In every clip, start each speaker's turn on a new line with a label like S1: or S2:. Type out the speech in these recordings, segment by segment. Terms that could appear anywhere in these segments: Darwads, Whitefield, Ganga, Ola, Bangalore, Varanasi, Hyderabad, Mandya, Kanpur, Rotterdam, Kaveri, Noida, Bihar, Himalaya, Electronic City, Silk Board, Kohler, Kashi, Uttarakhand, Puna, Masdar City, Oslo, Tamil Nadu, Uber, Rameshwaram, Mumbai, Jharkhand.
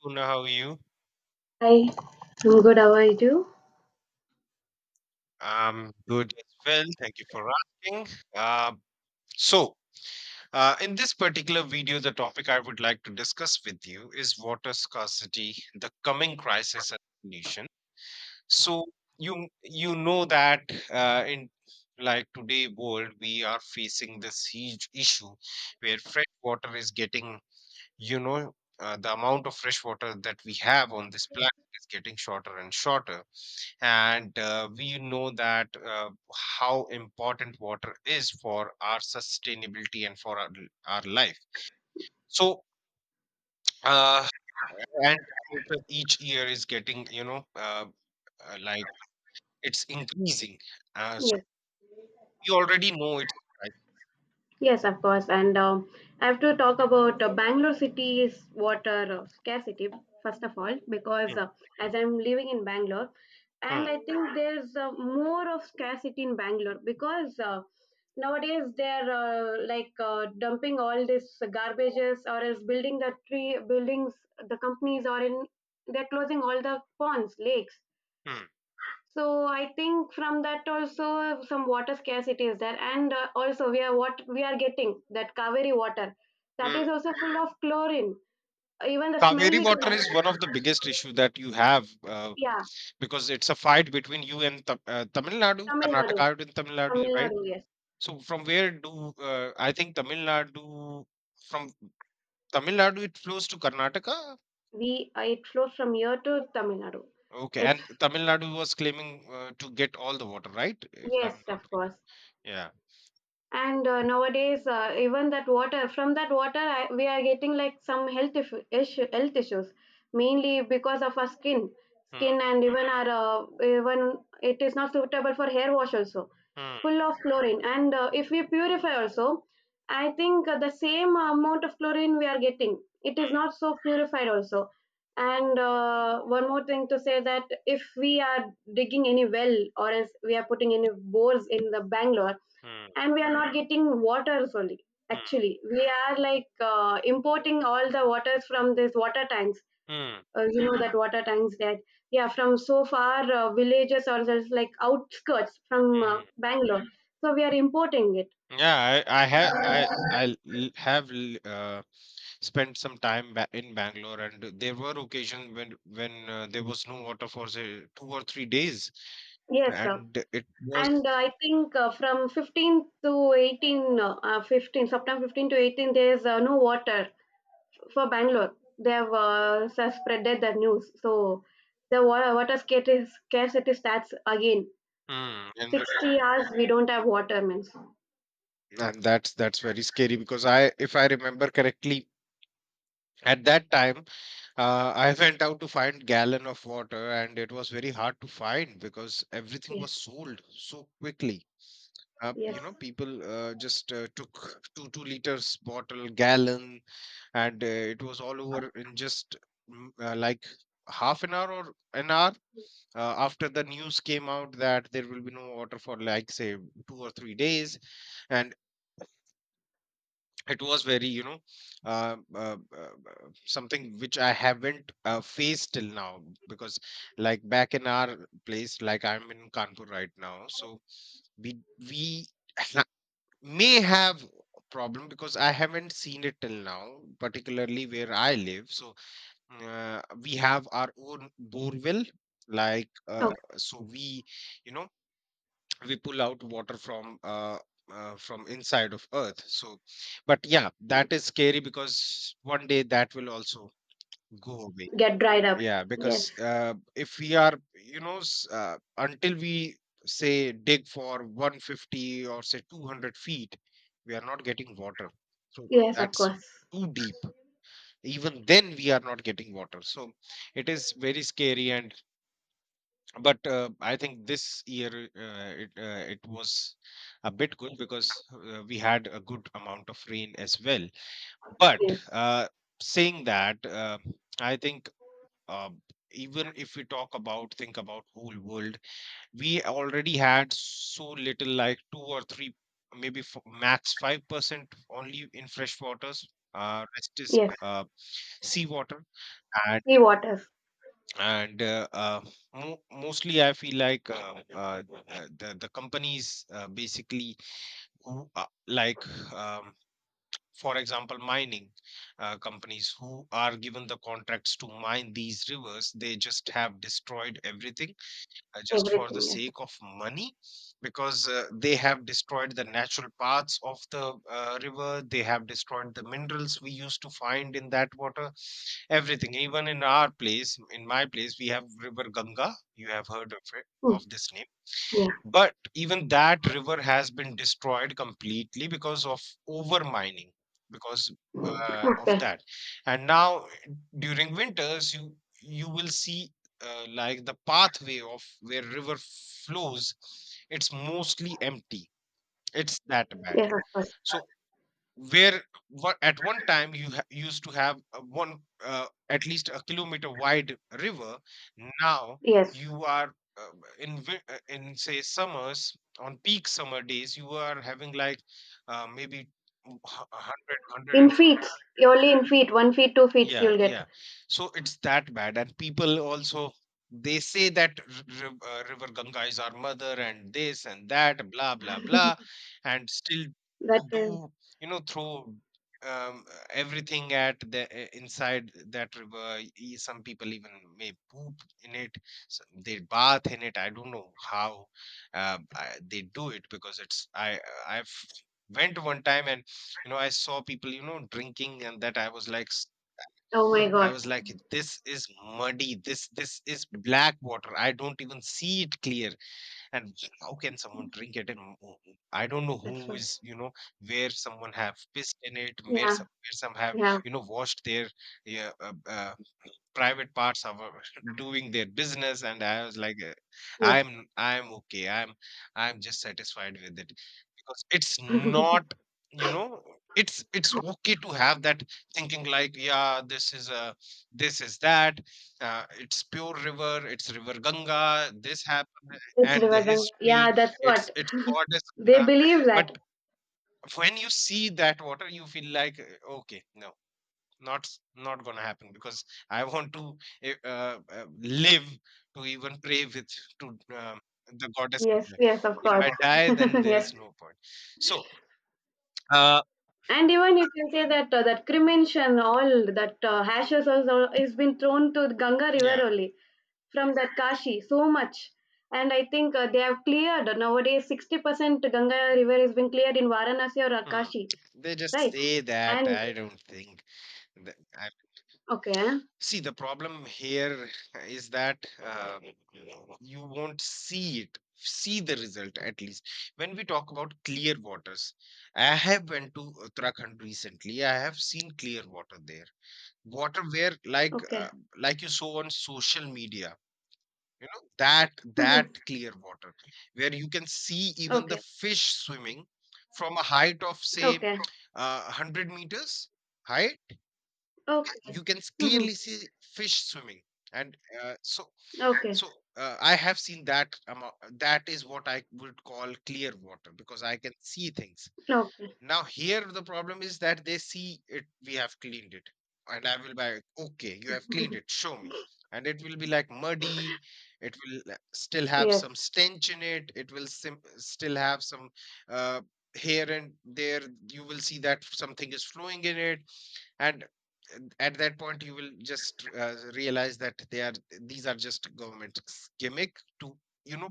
S1: Puna, how are you?
S2: Hi, I'm good. How are you?
S1: I'm good as well. Thank you for asking. Uh, so, in this particular video, the topic I would like to discuss with you is water scarcity, the coming crisis as a nation. So, you know that in like today world, we are facing this huge issue where fresh water is getting, you know, the amount of fresh water that we have on this planet is getting shorter and shorter and we know that how important water is for our sustainability and for our life so uh, and temperature each year is getting uh, like it's increasing so
S2: Yes,
S1: we already know it's
S2: yes, of course. And I have to talk about Bangalore city's water scarcity first of all, because
S1: rising.
S2: as I'm living in Bangalore,
S1: Hmm,
S2: and I think there's more of scarcity in Bangalore because nowadays they're like dumping all this garbages or else building the tree buildings. The companies are in they're closing all the ponds, lakes.
S1: hmm, hmm,
S2: So I think from that also some water scarcity is there, and also we are what we are getting that Kaveri water, that
S1: hmm.
S2: is also full of chlorine. Even the smell
S1: Kaveri
S2: we
S1: water
S2: can,
S1: is one of the biggest issue that you have
S2: yeah.
S1: because it's a fight between you and Tamil Nadu,
S2: Tamil Nadu,
S1: Karnataka and Tamil Nadu,
S2: Tamil
S1: right?
S2: Nadu, yes.
S1: So from where do I think from Tamil Nadu it flows to Karnataka?
S2: We It flows from here to Tamil Nadu.
S1: Okay,
S2: It's
S1: and Tamil Nadu was claiming to get all the water, right? If I'm
S2: Yes,
S1: not
S2: of
S1: wrong.
S2: course.
S1: Yeah.
S2: And nowadays even that water from that water, we are getting like some health issue, issue health issues, mainly because of our skin,
S1: Hmm.
S2: and even our even it is not suitable for hair wash also,
S1: Hmm.
S2: full of chlorine. And if we purify also, I think the same amount of chlorine we are getting. It is
S1: Hmm.
S2: not so purified also. And one more thing to say, that if we are digging any well or else we are putting any bores in the Bangalore,
S1: Hmm.
S2: and we are not getting waters only.
S1: Hmm.
S2: Actually, we are like importing all the waters from these water tanks.
S1: Hmm.
S2: You know that water tanks, that, yeah, from so far villages or just like outskirts from
S1: Hmm.
S2: Bangalore. So we are importing it.
S1: Yeah, I have I l- have l- spent some time ba in Bangalore, and there were occasions when there was no water for say 2 or 3 days,
S2: Yes, sir.
S1: and it
S2: And
S1: was.
S2: I think from 15 to 18, 15 September 15 to 18, there is no water for Bangalore. They have spreaded the news. So the water scarcity starts again.
S1: Hmm. And
S2: 60 hours we don't have water means.
S1: And that's very scary because I, if I remember correctly, at that time, I went out to find gallon of water, and it was very hard to find because everything
S2: Yes,
S1: was sold so quickly.
S2: yes.
S1: You know, people just took two liters bottle gallon, and it was all over in just mm, uh, like half an hour or an hour. After the news came out that there will be no water for like say 2 or 3 days, and it was very something which I haven't faced till now because like back in our place like I'm in Kanpur right now so we we ha- may have a problem because I haven't seen it till now particularly where I live so we have our own borewell like uh,
S2: Oh.
S1: so we you know we pull out water from inside of earth so but yeah that is scary because one day that will also go away
S2: Get dried up.
S1: yeah
S2: Yes,
S1: because if we are you know until we say dig for 150 or say 200 feet we are not getting water so
S2: yes, of
S1: that's
S2: course.
S1: too deep even then we are not getting water so it is very scary and but I think this year it it was a bit good because we had a good amount of rain as well. But
S2: Yes,
S1: uh, saying that, I think uh, even if we talk about think about whole world, we already had so little, like two or three, maybe max 5% only in fresh waters. Rest is
S2: yes.
S1: seawater
S2: Sea waters.
S1: and mostly I feel like the companies basically who um, for example mining companies who are given the contracts to mine these rivers, they just have destroyed everything just for the
S2: Everything. Yes.
S1: sake of money because they have destroyed the natural parts of the river, they have destroyed the minerals we used to find in that water. Everything, even in our place, in my place, we have River Ganga. You have heard of it,
S2: Mm,
S1: of this name.
S2: yeah.
S1: But even that river has been destroyed completely because of overmining, because of
S2: Okay.
S1: that. And now during winters, you will see like the pathway of where river flows, it's mostly empty. It's that
S2: Yes,
S1: bad.
S2: of course.
S1: So where at one time you used to have a one at least a kilometer wide river, now
S2: Yes.
S1: you are in say summers on peak summer days you are having like maybe 100
S2: In
S1: 150.
S2: feet, only in feet, 1 feet 2 feet
S1: Yeah,
S2: you'll get.
S1: yeah. So it's that bad. And people also they say that River Ganga is our mother and this and that, blah blah blah, and still,
S2: That is.
S1: do you know, throw um, uh, everything at the inside that river. Some people even may poop in it. Some, they bath in it. I don't know how they do it because it's I've went one time and you know I saw people you know drinking and that I was like,
S2: Oh my
S1: I
S2: god.
S1: was like, this is muddy. This is black water. I don't even see it clear. And how can someone drink it? And I don't know
S2: That's
S1: who
S2: what.
S1: is, you know, where someone have pissed in it, where
S2: Yeah,
S1: some, where some have,
S2: yeah.
S1: you know, washed their yeah, uh, uh, private parts of doing their business and I was like
S2: Yes.
S1: i'm I'm okay, I'm just satisfied with it because it's not you know it's okay to have that thinking like, yeah, this is a, this is that, it's pure river, it's River Ganga, this happened
S2: It's
S1: and the
S2: divergent,
S1: history,
S2: yeah. That's what,
S1: it's goddess
S2: they
S1: Ganga,
S2: believe
S1: but
S2: that.
S1: when you see that water you feel like okay, no, not gonna happen because I want to eh, uh, uh, live to even pray with to um, the goddess
S2: Yes,
S1: Kanya.
S2: yes, of
S1: If
S2: course.
S1: I die then there
S2: Yes.
S1: is no point so uh
S2: And even you can say that, that cremation, and all that ashes also is been thrown to Ganga River
S1: yeah.
S2: only from that Kashi, so much. And I think they have cleared nowadays 60% Ganga River has been cleared in Varanasi or
S1: Hmm,
S2: Kashi,
S1: they just
S2: right?
S1: say that,
S2: And
S1: I don't think that.
S2: okay.
S1: See, the problem here is that you won't see it, see the result at least. When we talk about clear waters, I have went to Uttarakhand recently. I have seen clear water there, water where
S2: Okay,
S1: like you saw on social media, you know that, that
S2: hmm.
S1: clear water where you can see even the
S2: Okay,
S1: fish swimming from a height of say
S2: okay,
S1: 100 meters height. Okay,
S2: okay.
S1: you can
S2: Hmm.
S1: clearly see fish swimming, and uh, so
S2: Okay,
S1: I have seen that. That is what I would call clear water because I can see things.
S2: okay.
S1: Now here the problem is that, they see it, we have cleaned it, and I will buy. Okay, you have cleaned it. Show me, and it will be like muddy. It will still have
S2: Yes,
S1: some stench in it. It will still have some uh, here and there. You will see that something is flowing in it and at that point you will just realize that they are, these are just government gimmick to, you know,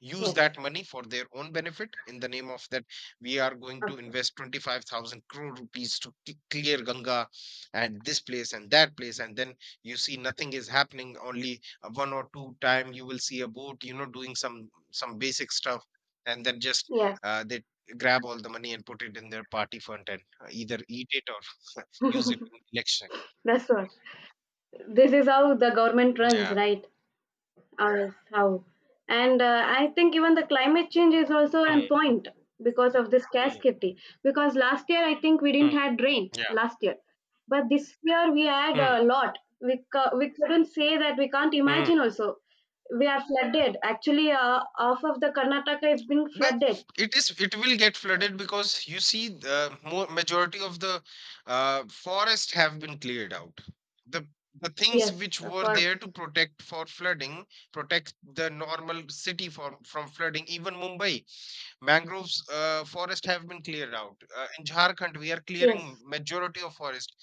S1: use
S2: yes,
S1: that money for their own benefit in the name of that, we are going to
S2: of course.
S1: invest 25,000 crore rupees to clear Ganga, and this place and that place, and then you see nothing is happening, only one or two time you will see a boat you know doing some basic stuff and then just
S2: Yes,
S1: they grab all the money and put it in their party fund and either eat it, use it in election.
S2: that's what. This is how the government runs,
S1: Yeah.
S2: right? As how. And I think even the climate change is also
S1: Mm,
S2: a point, because of this
S1: mm,
S2: scarcity. Because last year, I think we
S1: mm.
S2: didn't had rain
S1: Yeah.
S2: last year. But this year we had
S1: Mm,
S2: a lot. We couldn't say that. We can't
S1: mm.
S2: imagine also, we are flooded actually. Off of the Karnataka, it's been
S1: But
S2: flooded.
S1: it is, it will get flooded because you see the more majority of the forest have been cleared out. The the things
S2: Yes,
S1: which
S2: of
S1: were
S2: course.
S1: there to protect for flooding, protect the normal city from flooding, even Mumbai. Mangroves forest have been cleared out in Jharkhand, we are clearing
S2: Yes.
S1: majority of forest,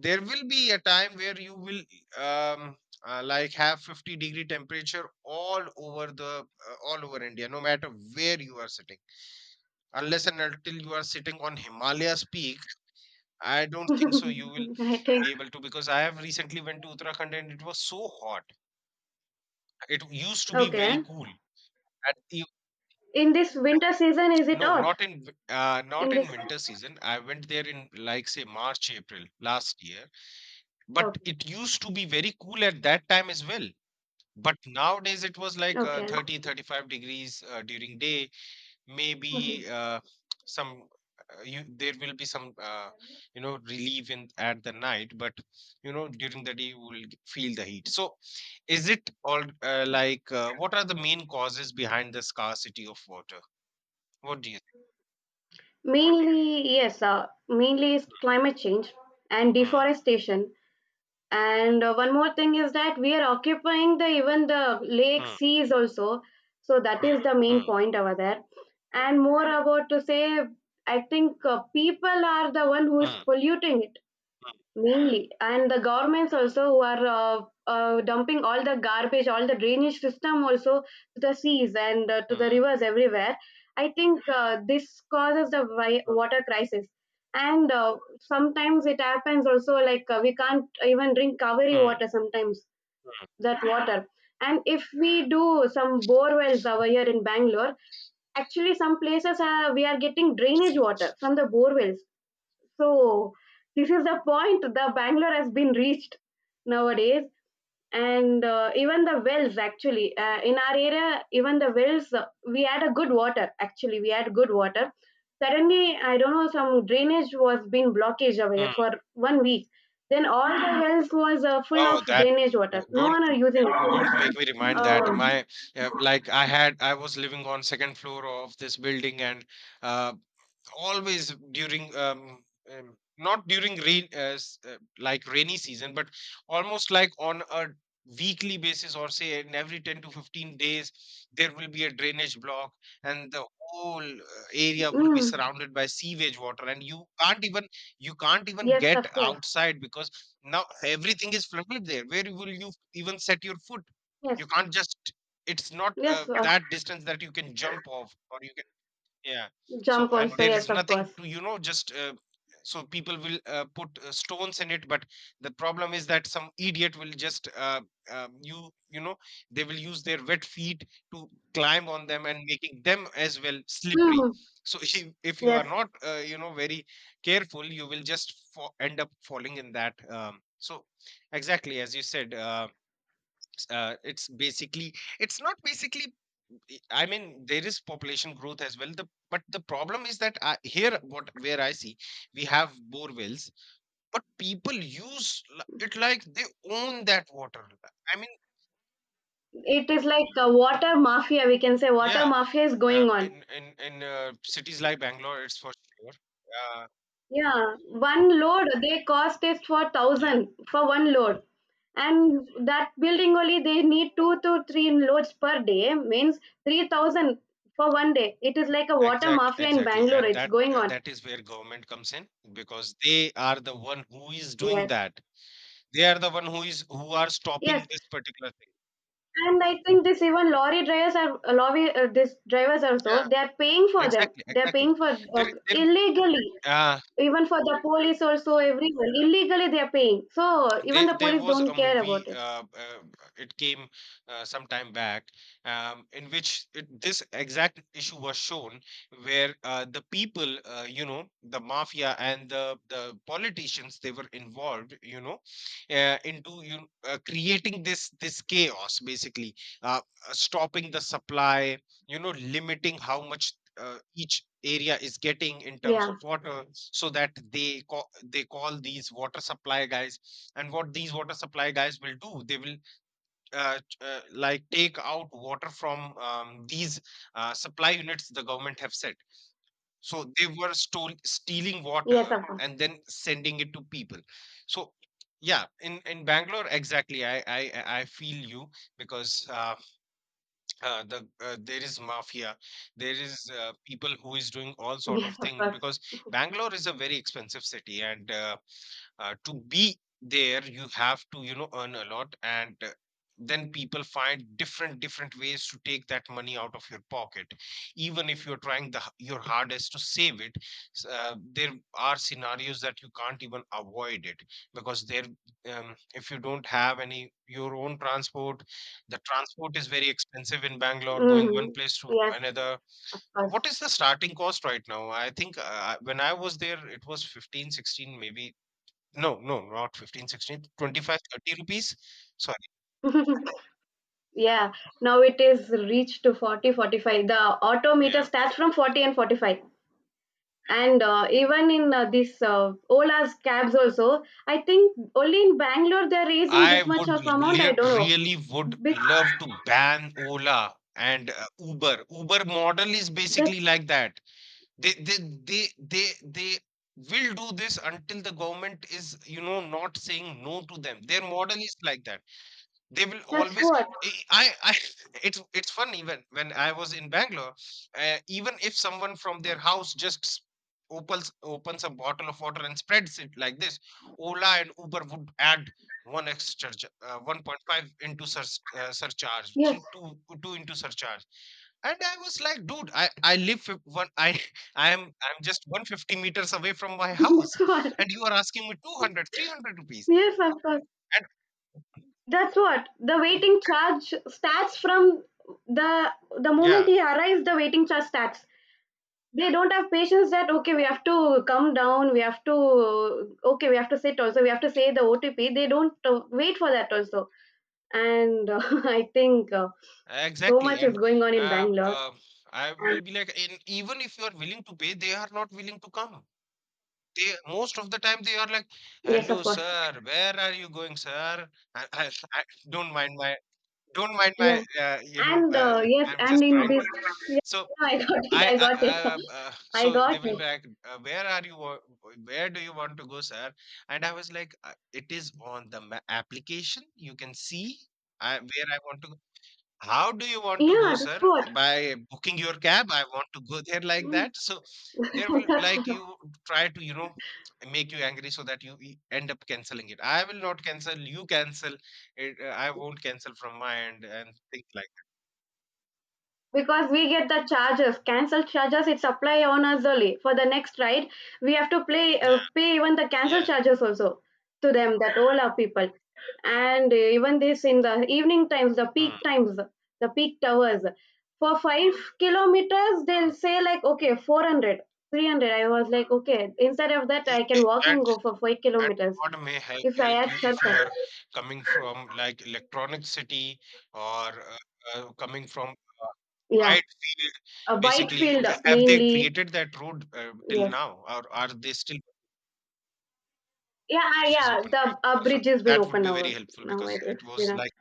S1: there will be a time where you will um, have 50-degree temperature all over the all over India no matter where you are sitting, unless and until you are sitting on Himalaya's peak. I don't think so you will
S2: I think.
S1: be able to because I have recently went to Uttarakhand and it was so hot. It used to be very
S2: Okay.
S1: cool at...
S2: In this winter season is it
S1: No,
S2: hot?
S1: not in not
S2: In this.
S1: in winter season. I went there in like say March, April last year. But
S2: Okay.
S1: it used to be very cool at that time as well. But nowadays it was like
S2: Okay.
S1: 30, 35 degrees during day. Maybe some you, there will be some you know relief in at the night, but you know during the day you will feel the heat. So, is it all what are the main causes behind the scarcity of water? What do you
S2: Mainly, yes, mainly is climate change and
S1: think?
S2: deforestation. And one more thing is that we are occupying the even the lake
S1: Hmm.
S2: seas also. So that
S1: Mm,
S2: is the main
S1: mm,
S2: point over there. And more about to say, I think people are the one who is
S1: mm,
S2: polluting it.
S1: mm,
S2: Mainly, and the governments also who are dumping all the garbage, all the drainage system also to the seas and to the
S1: mm,
S2: rivers everywhere. I think this causes the wi-
S1: mm,
S2: water crisis, and sometimes it happens also, like we can't even drink Kaveri
S1: mm,
S2: water sometimes,
S1: mm.
S2: that water. And if we do some bore wells over here in Bangalore, actually some places are, we are getting drainage water from the bore wells. So this is the point the Bangalore has been reached nowadays. And even the wells, actually, in our area, even the wells, we had a good water, actually we had good water. Suddenly, I don't know, some drainage was being blockage away
S1: Mm.
S2: for one week. Then all the wells was full of
S1: Oh, that
S2: drainage water. No one are using
S1: don't
S2: it.
S1: make me remind that
S2: Uh,
S1: my like I was living on second floor of this building and uh, always during not during rain like rainy season but almost like on a weekly basis or say in every 10 to 15 days there will be a drainage block, and the whole area will be
S2: mm.
S1: surrounded by sewage water and you can't even
S2: Yes,
S1: get
S2: of course.
S1: outside because now everything is flooded there. Where will you even set your foot? You
S2: Yes,
S1: can't just, it's not
S2: yes.
S1: that distance that you can jump off or you. Yeah. So,
S2: Jump
S1: and
S2: also.
S1: there is
S2: Yes, of
S1: nothing
S2: course.
S1: to, you know, just so people will put stones in it, but the problem is that some idiot will just, um, you, you know, they will use their wet feet to climb on them and making them as well slippery.
S2: Mm,
S1: So, if you are
S2: yes.
S1: not, very careful, you will just end up falling in that. Exactly as you said, it's basically, it's not basically I mean, there is population growth as well. The but the problem is that here, what where I see, we have bore wells, but people use it like they own that water. I mean,
S2: It is like a water mafia, we can say water
S1: yeah,
S2: mafia is going on.
S1: in cities like Bangalore, it's for sure. Uh,
S2: Yeah, one load they cost is for
S1: yeah,
S2: thousand for one load, and that building only they need two to three loads per day means 3000 for one day. It is like a water mafia in
S1: exactly,
S2: Bangalore.
S1: and
S2: It's
S1: that
S2: going on.
S1: that is where government comes in because they are the one who is doing
S2: Yes,
S1: that. They are the one who is who are
S2: yes.
S1: stopping this particular thing.
S2: And I think this even lorry drivers are lorry this drivers also,
S1: Yeah,
S2: they are paying for them.
S1: exactly,
S2: They are
S1: exactly.
S2: paying for,
S1: There, there.
S2: illegally.
S1: uh,
S2: Even for the police also, everyone illegally they are paying. So even
S1: There,
S2: the
S1: there
S2: police
S1: was
S2: don't
S1: a
S2: care about
S1: movie.
S2: it.
S1: It came some time back, in which this exact issue was shown, where the people, the mafia and the politicians, they were involved, you know, into creating this this chaos, basically, uh, stopping the supply, you know, limiting how much each area is getting in terms
S2: Yeah.
S1: of water, so that they call these water supply guys. And what these water supply guys will do, they will like take out water from these supply units the government have set, so they were stealing
S2: Yes,
S1: water
S2: of course.
S1: and then sending it to people. So yeah, in bangalore exactly I feel you because uh, the there is mafia, there is people who is doing all sort
S2: Yes,
S1: of
S2: of
S1: thing
S2: course.
S1: because bangalore is a very expensive city and to be there you have to you know earn a lot, and then people find different different ways to take that money out of your pocket even if you're trying the your hardest to save it. There are scenarios that you can't even avoid it because there if you don't have any your own transport, the transport is very expensive in bangalore going one
S2: Hmm.
S1: place to
S2: Yes,
S1: another.
S2: of
S1: What is the starting cost right now? I think when I was there it was 15, 16, maybe no, no, not 15, 16, 25, 30 rupees. Sorry.
S2: course. Yeah. Now it is reached to 40, 45. The auto meter
S1: Yeah.
S2: starts from 40 and 45. And even in this Ola's cabs also, I think only in Bangalore they're raising
S1: I
S2: this much
S1: would
S2: of amount. I don't know.
S1: really would
S2: Bec-
S1: love to ban Ola and Uber. Uber model is
S2: that's
S1: basically like that. They they they will do this until the government is, you know, not saying no to them. Their model is like that. They will always
S2: what.
S1: i i I- it's funny when I was in bangalore, even if someone from their house just opens a bottle of water and spreads it like this, ola and uber would add one extra 1.5 into surcharge,
S2: Yes,
S1: three, two, two into surcharge. And I was like dude I live fif- one I I'm just 150 meters away from my house
S2: that's what.
S1: and you are asking me 200 300 rupees
S2: Yes, of course.
S1: and
S2: That's what. The waiting charge starts from the the moment
S1: yeah.
S2: he arrives. The waiting charge starts. They don't have patience that okay, we have to come down. We have to, okay, we have to sit also. We have to say the OTP. They don't wait for that also. And I think. So
S1: Exactly,
S2: much is
S1: and
S2: going on in
S1: uh,
S2: Bangalore.
S1: uh, I will be like, and even if you are willing to pay, they are not willing to come. They most of the time they are like,
S2: Yes, of
S1: "Hello,
S2: course.
S1: sir, where are you going, sir?" I don't mind don't mind
S2: Yeah.
S1: my,
S2: And yes,
S1: I'm
S2: and
S1: just
S2: in
S1: trying
S2: this.
S1: to.
S2: Yeah,
S1: So
S2: I got it. I got it.
S1: I
S2: I
S1: so
S2: got
S1: they will
S2: it.
S1: be like, "Where are you? Where do you want to go, sir?" And I was like, "It is on the ma application. You can see." Where I want to, how do you want to
S2: Yeah,
S1: go,
S2: this
S1: sir?
S2: what.
S1: By booking your cab? I want to go there like
S2: Mm.
S1: that. So there will
S2: That's
S1: like
S2: right.
S1: you try to, you know, make you angry so that you end up canceling it. I will not cancel, you cancel it. I won't cancel from my end and things like
S2: Because we get the charges, cancel charges, it's apply on us only for the next ride. We have to play
S1: that. Yeah,
S2: pay even the cancel
S1: yeah.
S2: charges also to them, that all our people. And even this, in the evening times, the
S1: Hmm,
S2: peak times, the peak hours, for 5 kilometers they'll
S1: hmm.
S2: say like, okay, 400, 300. I was like, okay, instead of that
S1: I-
S2: I can walk
S1: I-
S2: and
S1: And
S2: go for 5
S1: and
S2: kilometers,
S1: God may
S2: if I
S1: help
S2: had
S1: you if you
S2: shortcut.
S1: are coming from like electronic city or uh, coming from
S2: Yeah,
S1: quiet field,
S2: a white
S1: basically.
S2: field,
S1: Have they
S2: mainly.
S1: created that road till
S2: Yes.
S1: now, or are they still.
S2: Yeah, ah,
S1: Bridges
S2: yeah.
S1: open,
S2: The
S1: right? So
S2: bridge has been
S1: that would
S2: open
S1: be very
S2: now.
S1: helpful
S2: Now
S1: because
S2: it,
S1: it
S2: it's been
S1: was
S2: up,
S1: like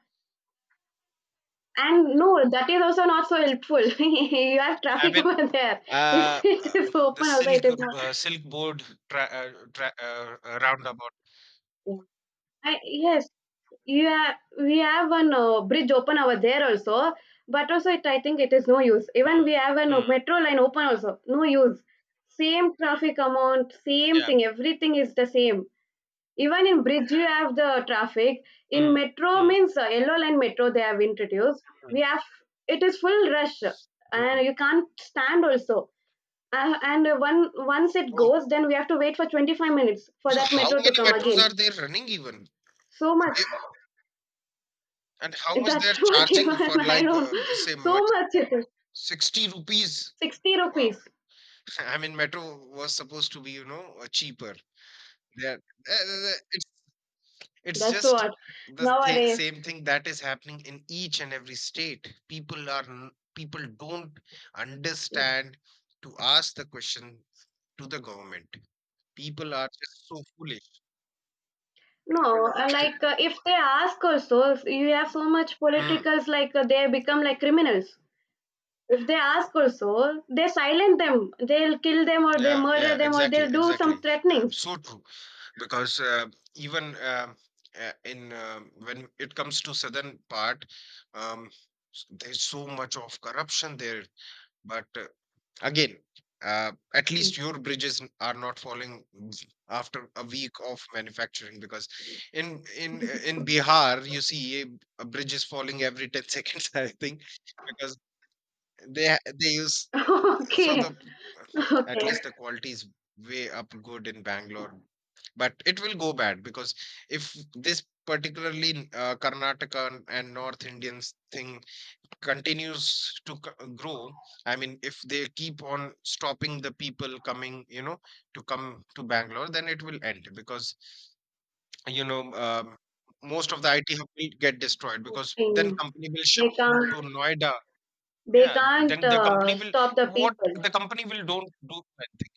S2: and no, that is also not so helpful. You have
S1: I
S2: traffic
S1: mean,
S2: over there. If it is
S1: the
S2: open, also it
S1: silk
S2: is not.
S1: silk board roundabout.
S2: Yes, we have one bridge open over there also, but also it, I think it is no use. Even we
S1: Mm,
S2: have a no,
S1: mm,
S2: metro line open also, no use. Same traffic amount, same
S1: yeah.
S2: thing. Everything is the same. Even in bridge, you have the traffic. In
S1: Mm,
S2: metro
S1: mm,
S2: means yellow line metro they have introduced.
S1: mm,
S2: We have, it is full rush,
S1: mm.
S2: and you can't stand also. And one once it
S1: Oh,
S2: goes, then we have to wait for 25 minutes for
S1: so
S2: that
S1: how
S2: metro to
S1: many
S2: come
S1: metros
S2: again.
S1: are they running even?
S2: So much.
S1: They, and how much they're
S2: That's what, even
S1: charging for
S2: I
S1: like
S2: don't.
S1: say
S2: So much it is.
S1: 60 rupees?
S2: 60
S1: Wow.
S2: rupees.
S1: I mean, metro was supposed to be, you know, cheaper. That it's
S2: That's
S1: just
S2: what nowadays.
S1: same thing that is happening in each and every state. People are people don't
S2: Yes.
S1: understand to ask the question to the government. People are just so foolish.
S2: No, like if they ask also, if you have so much
S1: Hmm.
S2: politicals, like they become like criminals. If they ask also, they silence them. They'll kill them, or they
S1: Yeah, yeah,
S2: murder them, or
S1: exactly,
S2: they'll do some
S1: exactly.
S2: threatenings.
S1: So true. Because even in when it comes to southern part, um, there's so much of corruption there. But again, at least your bridges are not falling after a week of manufacturing because in Bihar you see a bridge is falling every 10 seconds I think because they use. So
S2: Okay,
S1: the at
S2: okay.
S1: least the quality is way up good in Bangalore, but it will go bad because if this particularly Karnataka and North Indians thing continues to grow, I mean if they keep on stopping the people coming you know to come to bangalore, then it will end because you know most of the it hub will get destroyed because then
S2: Mm.
S1: company will
S2: They
S1: shift
S2: can't.
S1: to noida.
S2: They
S1: Yeah
S2: can't
S1: then the company will
S2: stop the
S1: what
S2: people.
S1: the company will don't do anything.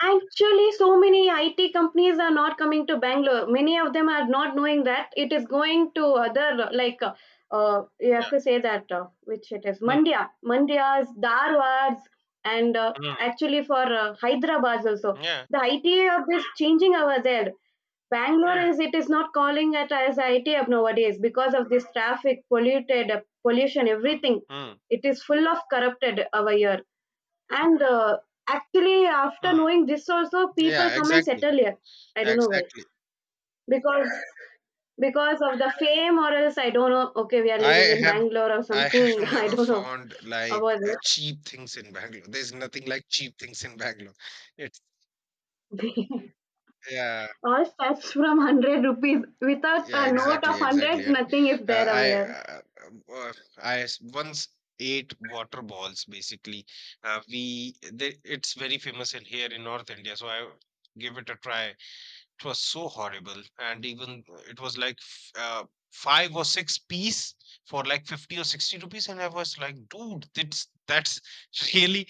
S2: Actually, so many IT companies are not coming to Bangalore. Many of them are not knowing that it is going to other like, you have
S1: Yeah,
S2: to say that, which it is
S1: mm,
S2: Mandya, Mandya's, Darwads, and
S1: mm,
S2: actually for Hyderabad also.
S1: yeah.
S2: The IT of this changing over there. Bangalore
S1: Mm,
S2: as it is not calling it as IT hub nowadays, because of this traffic, polluted, pollution,
S1: mm,
S2: everything.
S1: mm,
S2: It is full of corrupted over here. And actually, after
S1: mm.
S2: knowing this, also people
S1: Yeah
S2: come and
S1: exactly,
S2: settle here. I don't know why.
S1: exactly.
S2: Because because of the fame, or else I don't know. Okay, we are
S1: I
S2: living in
S1: have
S2: Bangalore or
S1: I
S2: something.
S1: have
S2: I
S1: never
S2: don't know
S1: found like
S2: about
S1: cheap things in Bangalore. There's nothing like cheap things in Bangalore. It's
S2: it.
S1: yeah,
S2: All starts from 100 rupees. Without
S1: yeah,
S2: a note of
S1: exactly,
S2: 100,
S1: exactly. And
S2: nothing is
S1: uh,
S2: there over
S1: I
S2: here.
S1: uh, um, uh, once ate water balls. Basically, it's very famous in here in North India. So I give it a try. It was so horrible, and even it was like five or six piece for like 50 or 60 rupees, and I was like, dude, that's really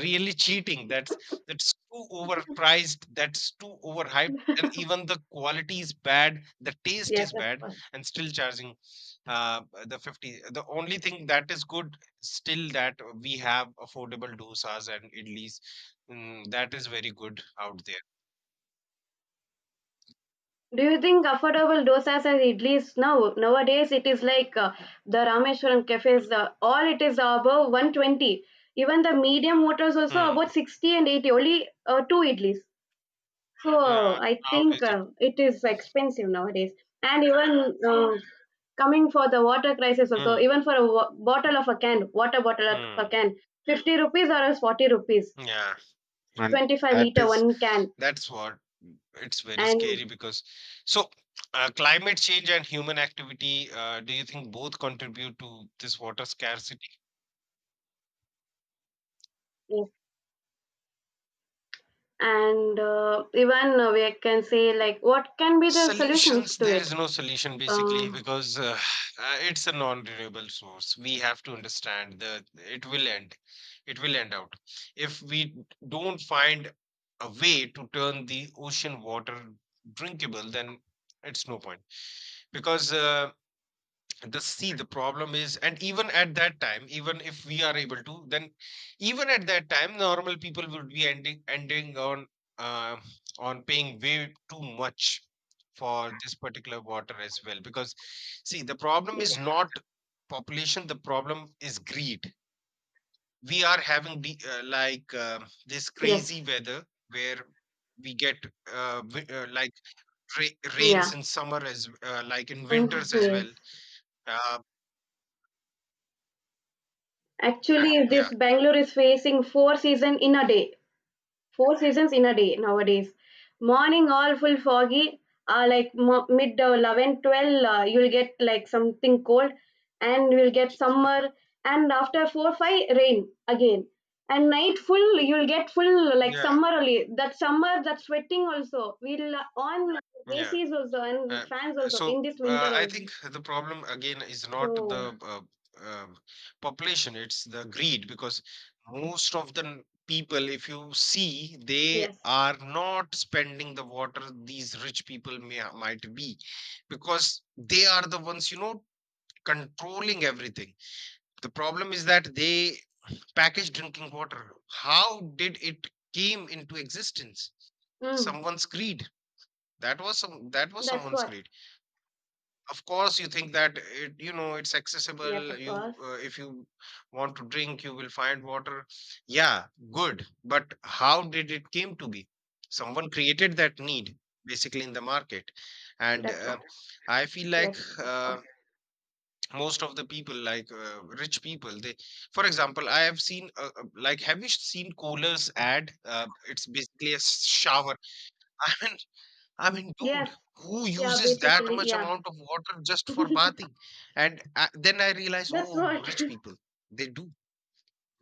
S1: really cheating. That's too overpriced. That's too overhyped, and even the quality is bad. The taste
S2: Yes,
S1: is
S2: of
S1: bad,
S2: course.
S1: and still charging the 50. The only thing that is good still that we have affordable dosas and idlis, mm, that is very good out there.
S2: Do you think affordable dosas as idlis now? Nowadays, it is like the Rameshwaram cafes, all it is above 120. Even the medium waters also
S1: Hmm.
S2: about 60 and 80, only two idlis.
S1: Yeah,
S2: So I
S1: how
S2: think
S1: is it?
S2: it is expensive nowadays. And even coming for the water crisis also,
S1: Mm,
S2: even for a bottle of a can, water bottle of a
S1: mm,
S2: can, 50 rupees or else 40 rupees,
S1: yeah, and
S2: 25
S1: that
S2: liter
S1: is
S2: one can.
S1: that's what it's very
S2: And
S1: scary because so climate change and human activity. Do you think both contribute to this water scarcity?
S2: uh, and even we can say like, what can be the solutions
S1: Solutions,
S2: to
S1: there
S2: it?
S1: is no solution
S2: uh,
S1: basically because it's a non-renewable source. We have to understand that it will end. It will end out if we don't find a way to turn the ocean water drinkable. Then it's no point. Because the problem is, and even at that time even if we are able to, then even at that time normal people would be ending uh, on paying way too much for this particular water as well because see the problem
S2: yes.
S1: is not population, the problem is greed. We are having the, this
S2: Yes.
S1: crazy weather where we get like rains
S2: Yeah.
S1: in summer as like in winters as
S2: Yes.
S1: well. Uh,
S2: Actually,
S1: Yeah,
S2: this Bangalore is facing four season in a day. Four seasons in a day nowadays. Morning all full foggy. Like mid 11, 12, you'll get like something cold, and you'll get summer. And after 4, 5, rain again. And night full, you'll get full like
S1: yeah,
S2: summer only. That summer, that sweating also. We'll on
S1: yeah.
S2: ACs also and
S1: Uh,
S2: fans also in
S1: so
S2: this winter
S1: I
S2: only.
S1: think the problem again is not
S2: So,
S1: the um population, it's the greed because most of the people, if you see, they
S2: yes.
S1: are not spending the water, these rich people may might be because they are the ones, you know, controlling everything. The problem is that they package drinking water. How did it came into existence?
S2: Mm,
S1: Someone's greed. That was some that was
S2: that's
S1: someone's
S2: what.
S1: greed. Of course, you think that it, you know, it's
S2: Yes,
S1: accessible.
S2: of
S1: You,
S2: course.
S1: if you want to drink, you will find water. Yeah, good. But how did it came to be? Someone created that need basically in the market, and
S2: That's what.
S1: I feel like
S2: Yes, of course.
S1: most of the people, like rich people, they, for example, I have seen like, have you seen Kohler's ad? It's basically a shower. I mean, I mean, dude,
S2: Yes.
S1: who
S2: Yeah,
S1: uses that
S2: basically.
S1: much
S2: Yeah.
S1: amount of water just for bathing? And then I realize,
S2: That's
S1: oh,
S2: what.
S1: rich people, they do.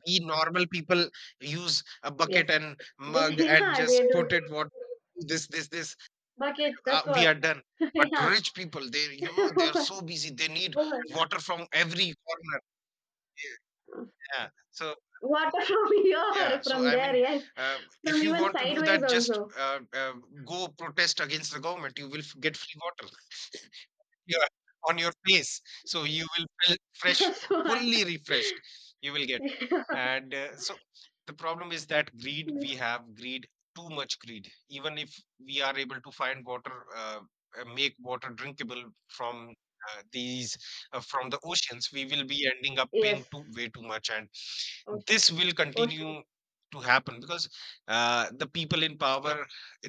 S1: We normal people use a
S2: Yes.
S1: bucket and
S2: They,
S1: mug and
S2: yeah, they
S1: just
S2: do.
S1: put it what this.
S2: Bucket, that's
S1: We
S2: what.
S1: are done. But
S2: Yeah.
S1: rich people, they, they are
S2: Water
S1: so busy. They need water from every corner. Yeah, yeah. So
S2: from
S1: yeah.
S2: here,
S1: So
S2: from there, yes.
S1: uh,
S2: From
S1: if you
S2: even
S1: want to do
S2: sideways
S1: that, just
S2: also.
S1: go protest against the government. You will get free water. Yeah, on your face. So you will feel fresh,
S2: That's what.
S1: fully refreshed. You will get. And so the problem is that greed, we have greed, too much greed. Even if we are able to find water, make water drinkable from uh, these, from the oceans, we will be ending up
S2: Yes.
S1: paying way too much. And
S2: Ocean.
S1: this will
S2: Ocean.
S1: continue to happen because the people in power,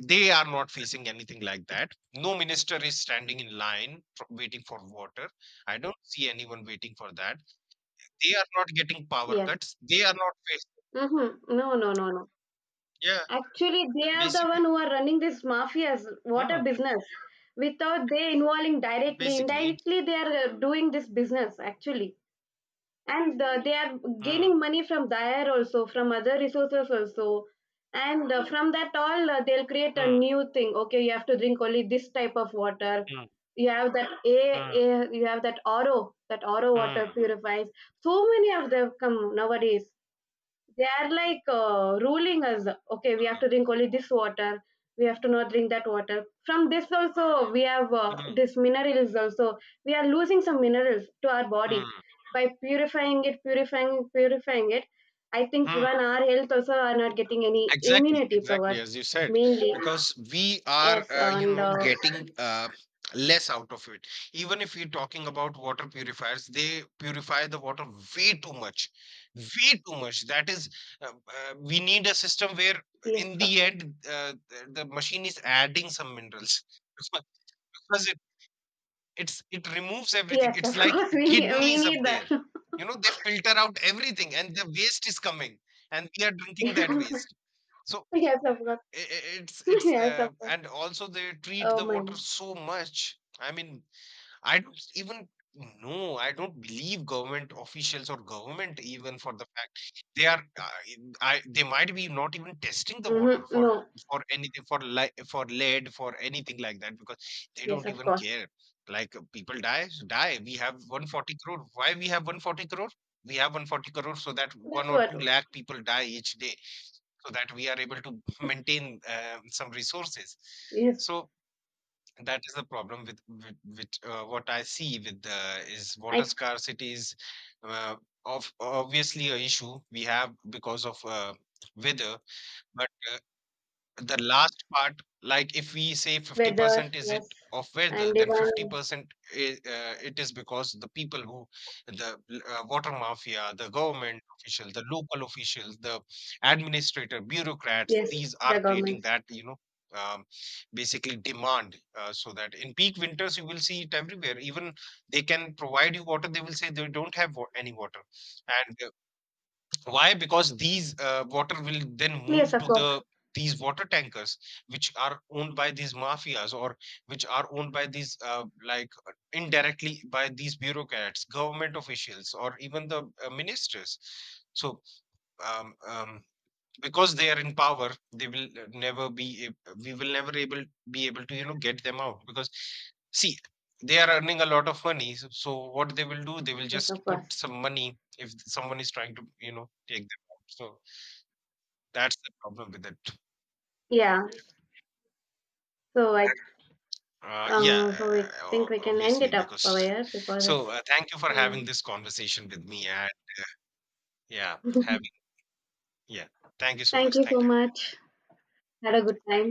S1: they are not facing anything like that. No minister is standing in line for waiting for water. I don't see anyone waiting for that. They are not getting power
S2: Yes.
S1: cuts. They are not facing.
S2: Mm-hmm. No, no, no, no.
S1: Yeah,
S2: Actually, they are the
S1: basically.
S2: one who are running this mafias water
S1: Hmm.
S2: business. Without they involving directly,
S1: basically it's,
S2: indirectly, they are doing this business actually. And they are
S1: Hmm.
S2: gaining money from there also, from other resources also. And from that all they'll create a
S1: Hmm.
S2: new thing, okay, you have to drink only this type of water.
S1: Hmm.
S2: You have that
S1: Hmm.
S2: oro water
S1: Hmm.
S2: purifies. So many of them come nowadays, they are like ruling us. Okay, we have to drink only this water. We have to not drink that water. From this also, we have
S1: Hmm.
S2: this minerals also. We are losing some minerals to our
S1: Hmm.
S2: body by purifying it. I think
S1: Hmm.
S2: even our health also are not getting any
S1: Exactly,
S2: immunity power
S1: exactly, as you said,
S2: mainly.
S1: because we are,
S2: Yes,
S1: you
S2: and
S1: know, getting less out of it. Even if we're talking about water purifiers, they purify the water way too much, way too much. That is, we need a system where,
S2: yes,
S1: in
S2: of
S1: the
S2: course.
S1: end, the machine is adding some minerals because because it it removes everything.
S2: Yes,
S1: It's
S2: of
S1: like
S2: course. We need we
S1: kidneys up
S2: need that.
S1: there. You know, they filter out everything, and the waste is coming, and we are drinking that waste. So
S2: Yes, of course. Yes, of course.
S1: and also they treat
S2: Oh
S1: the
S2: my.
S1: water so much. I mean, I don't even know. I don't believe government officials or government even for the fact they are. I they might be not even testing the water
S2: Mm-hmm.
S1: for
S2: No.
S1: anything, for like for lead, for anything like that, because they
S2: Yes,
S1: don't
S2: of
S1: even
S2: course.
S1: care. Like people die. We have 140 crore. Why we have 140 crore? We have 140 crore so that one
S2: That's
S1: or
S2: what,
S1: two lakh people die each day so that we are able to maintain some resources.
S2: yes.
S1: So that is the problem with what I see with the is water
S2: I
S1: scarcity is, uh, of obviously a issue we have because of weather, but the last part, like if we say
S2: Weather,
S1: 50% is it
S2: yes,
S1: of weather,
S2: and
S1: then
S2: even
S1: 50% it is because the people who, the water mafia, the government official, the local officials, the administrator, bureaucrats,
S2: yes,
S1: these
S2: the
S1: are creating
S2: governments.
S1: that, you know, um, basically demand, so that in peak winters you will see it everywhere. Even they can provide you water, they will say they don't have any water. And. Why? Because these water will then
S2: Yes,
S1: move
S2: of
S1: to
S2: course.
S1: the these water tankers, which are owned by these mafias or which are owned by these indirectly by these bureaucrats, government officials, or even the ministers. So um, um, because they are in power they will never be ab- we will never able be able to, you know, get them out, because see they are earning a lot of money, so what they will do, they will
S2: Yes,
S1: just
S2: of
S1: put
S2: course.
S1: some money if someone is trying to, you know, take them out. So that's the problem with it.
S2: Yeah. So I,
S1: Yeah,
S2: so I think we can end
S1: obviously
S2: it up over
S1: because
S2: here, because it's.
S1: so thank you for
S2: You know.
S1: having this conversation with me and yeah having yeah thank you so
S2: Thank
S1: much,
S2: you so
S1: thank you.
S2: much. Had a good time.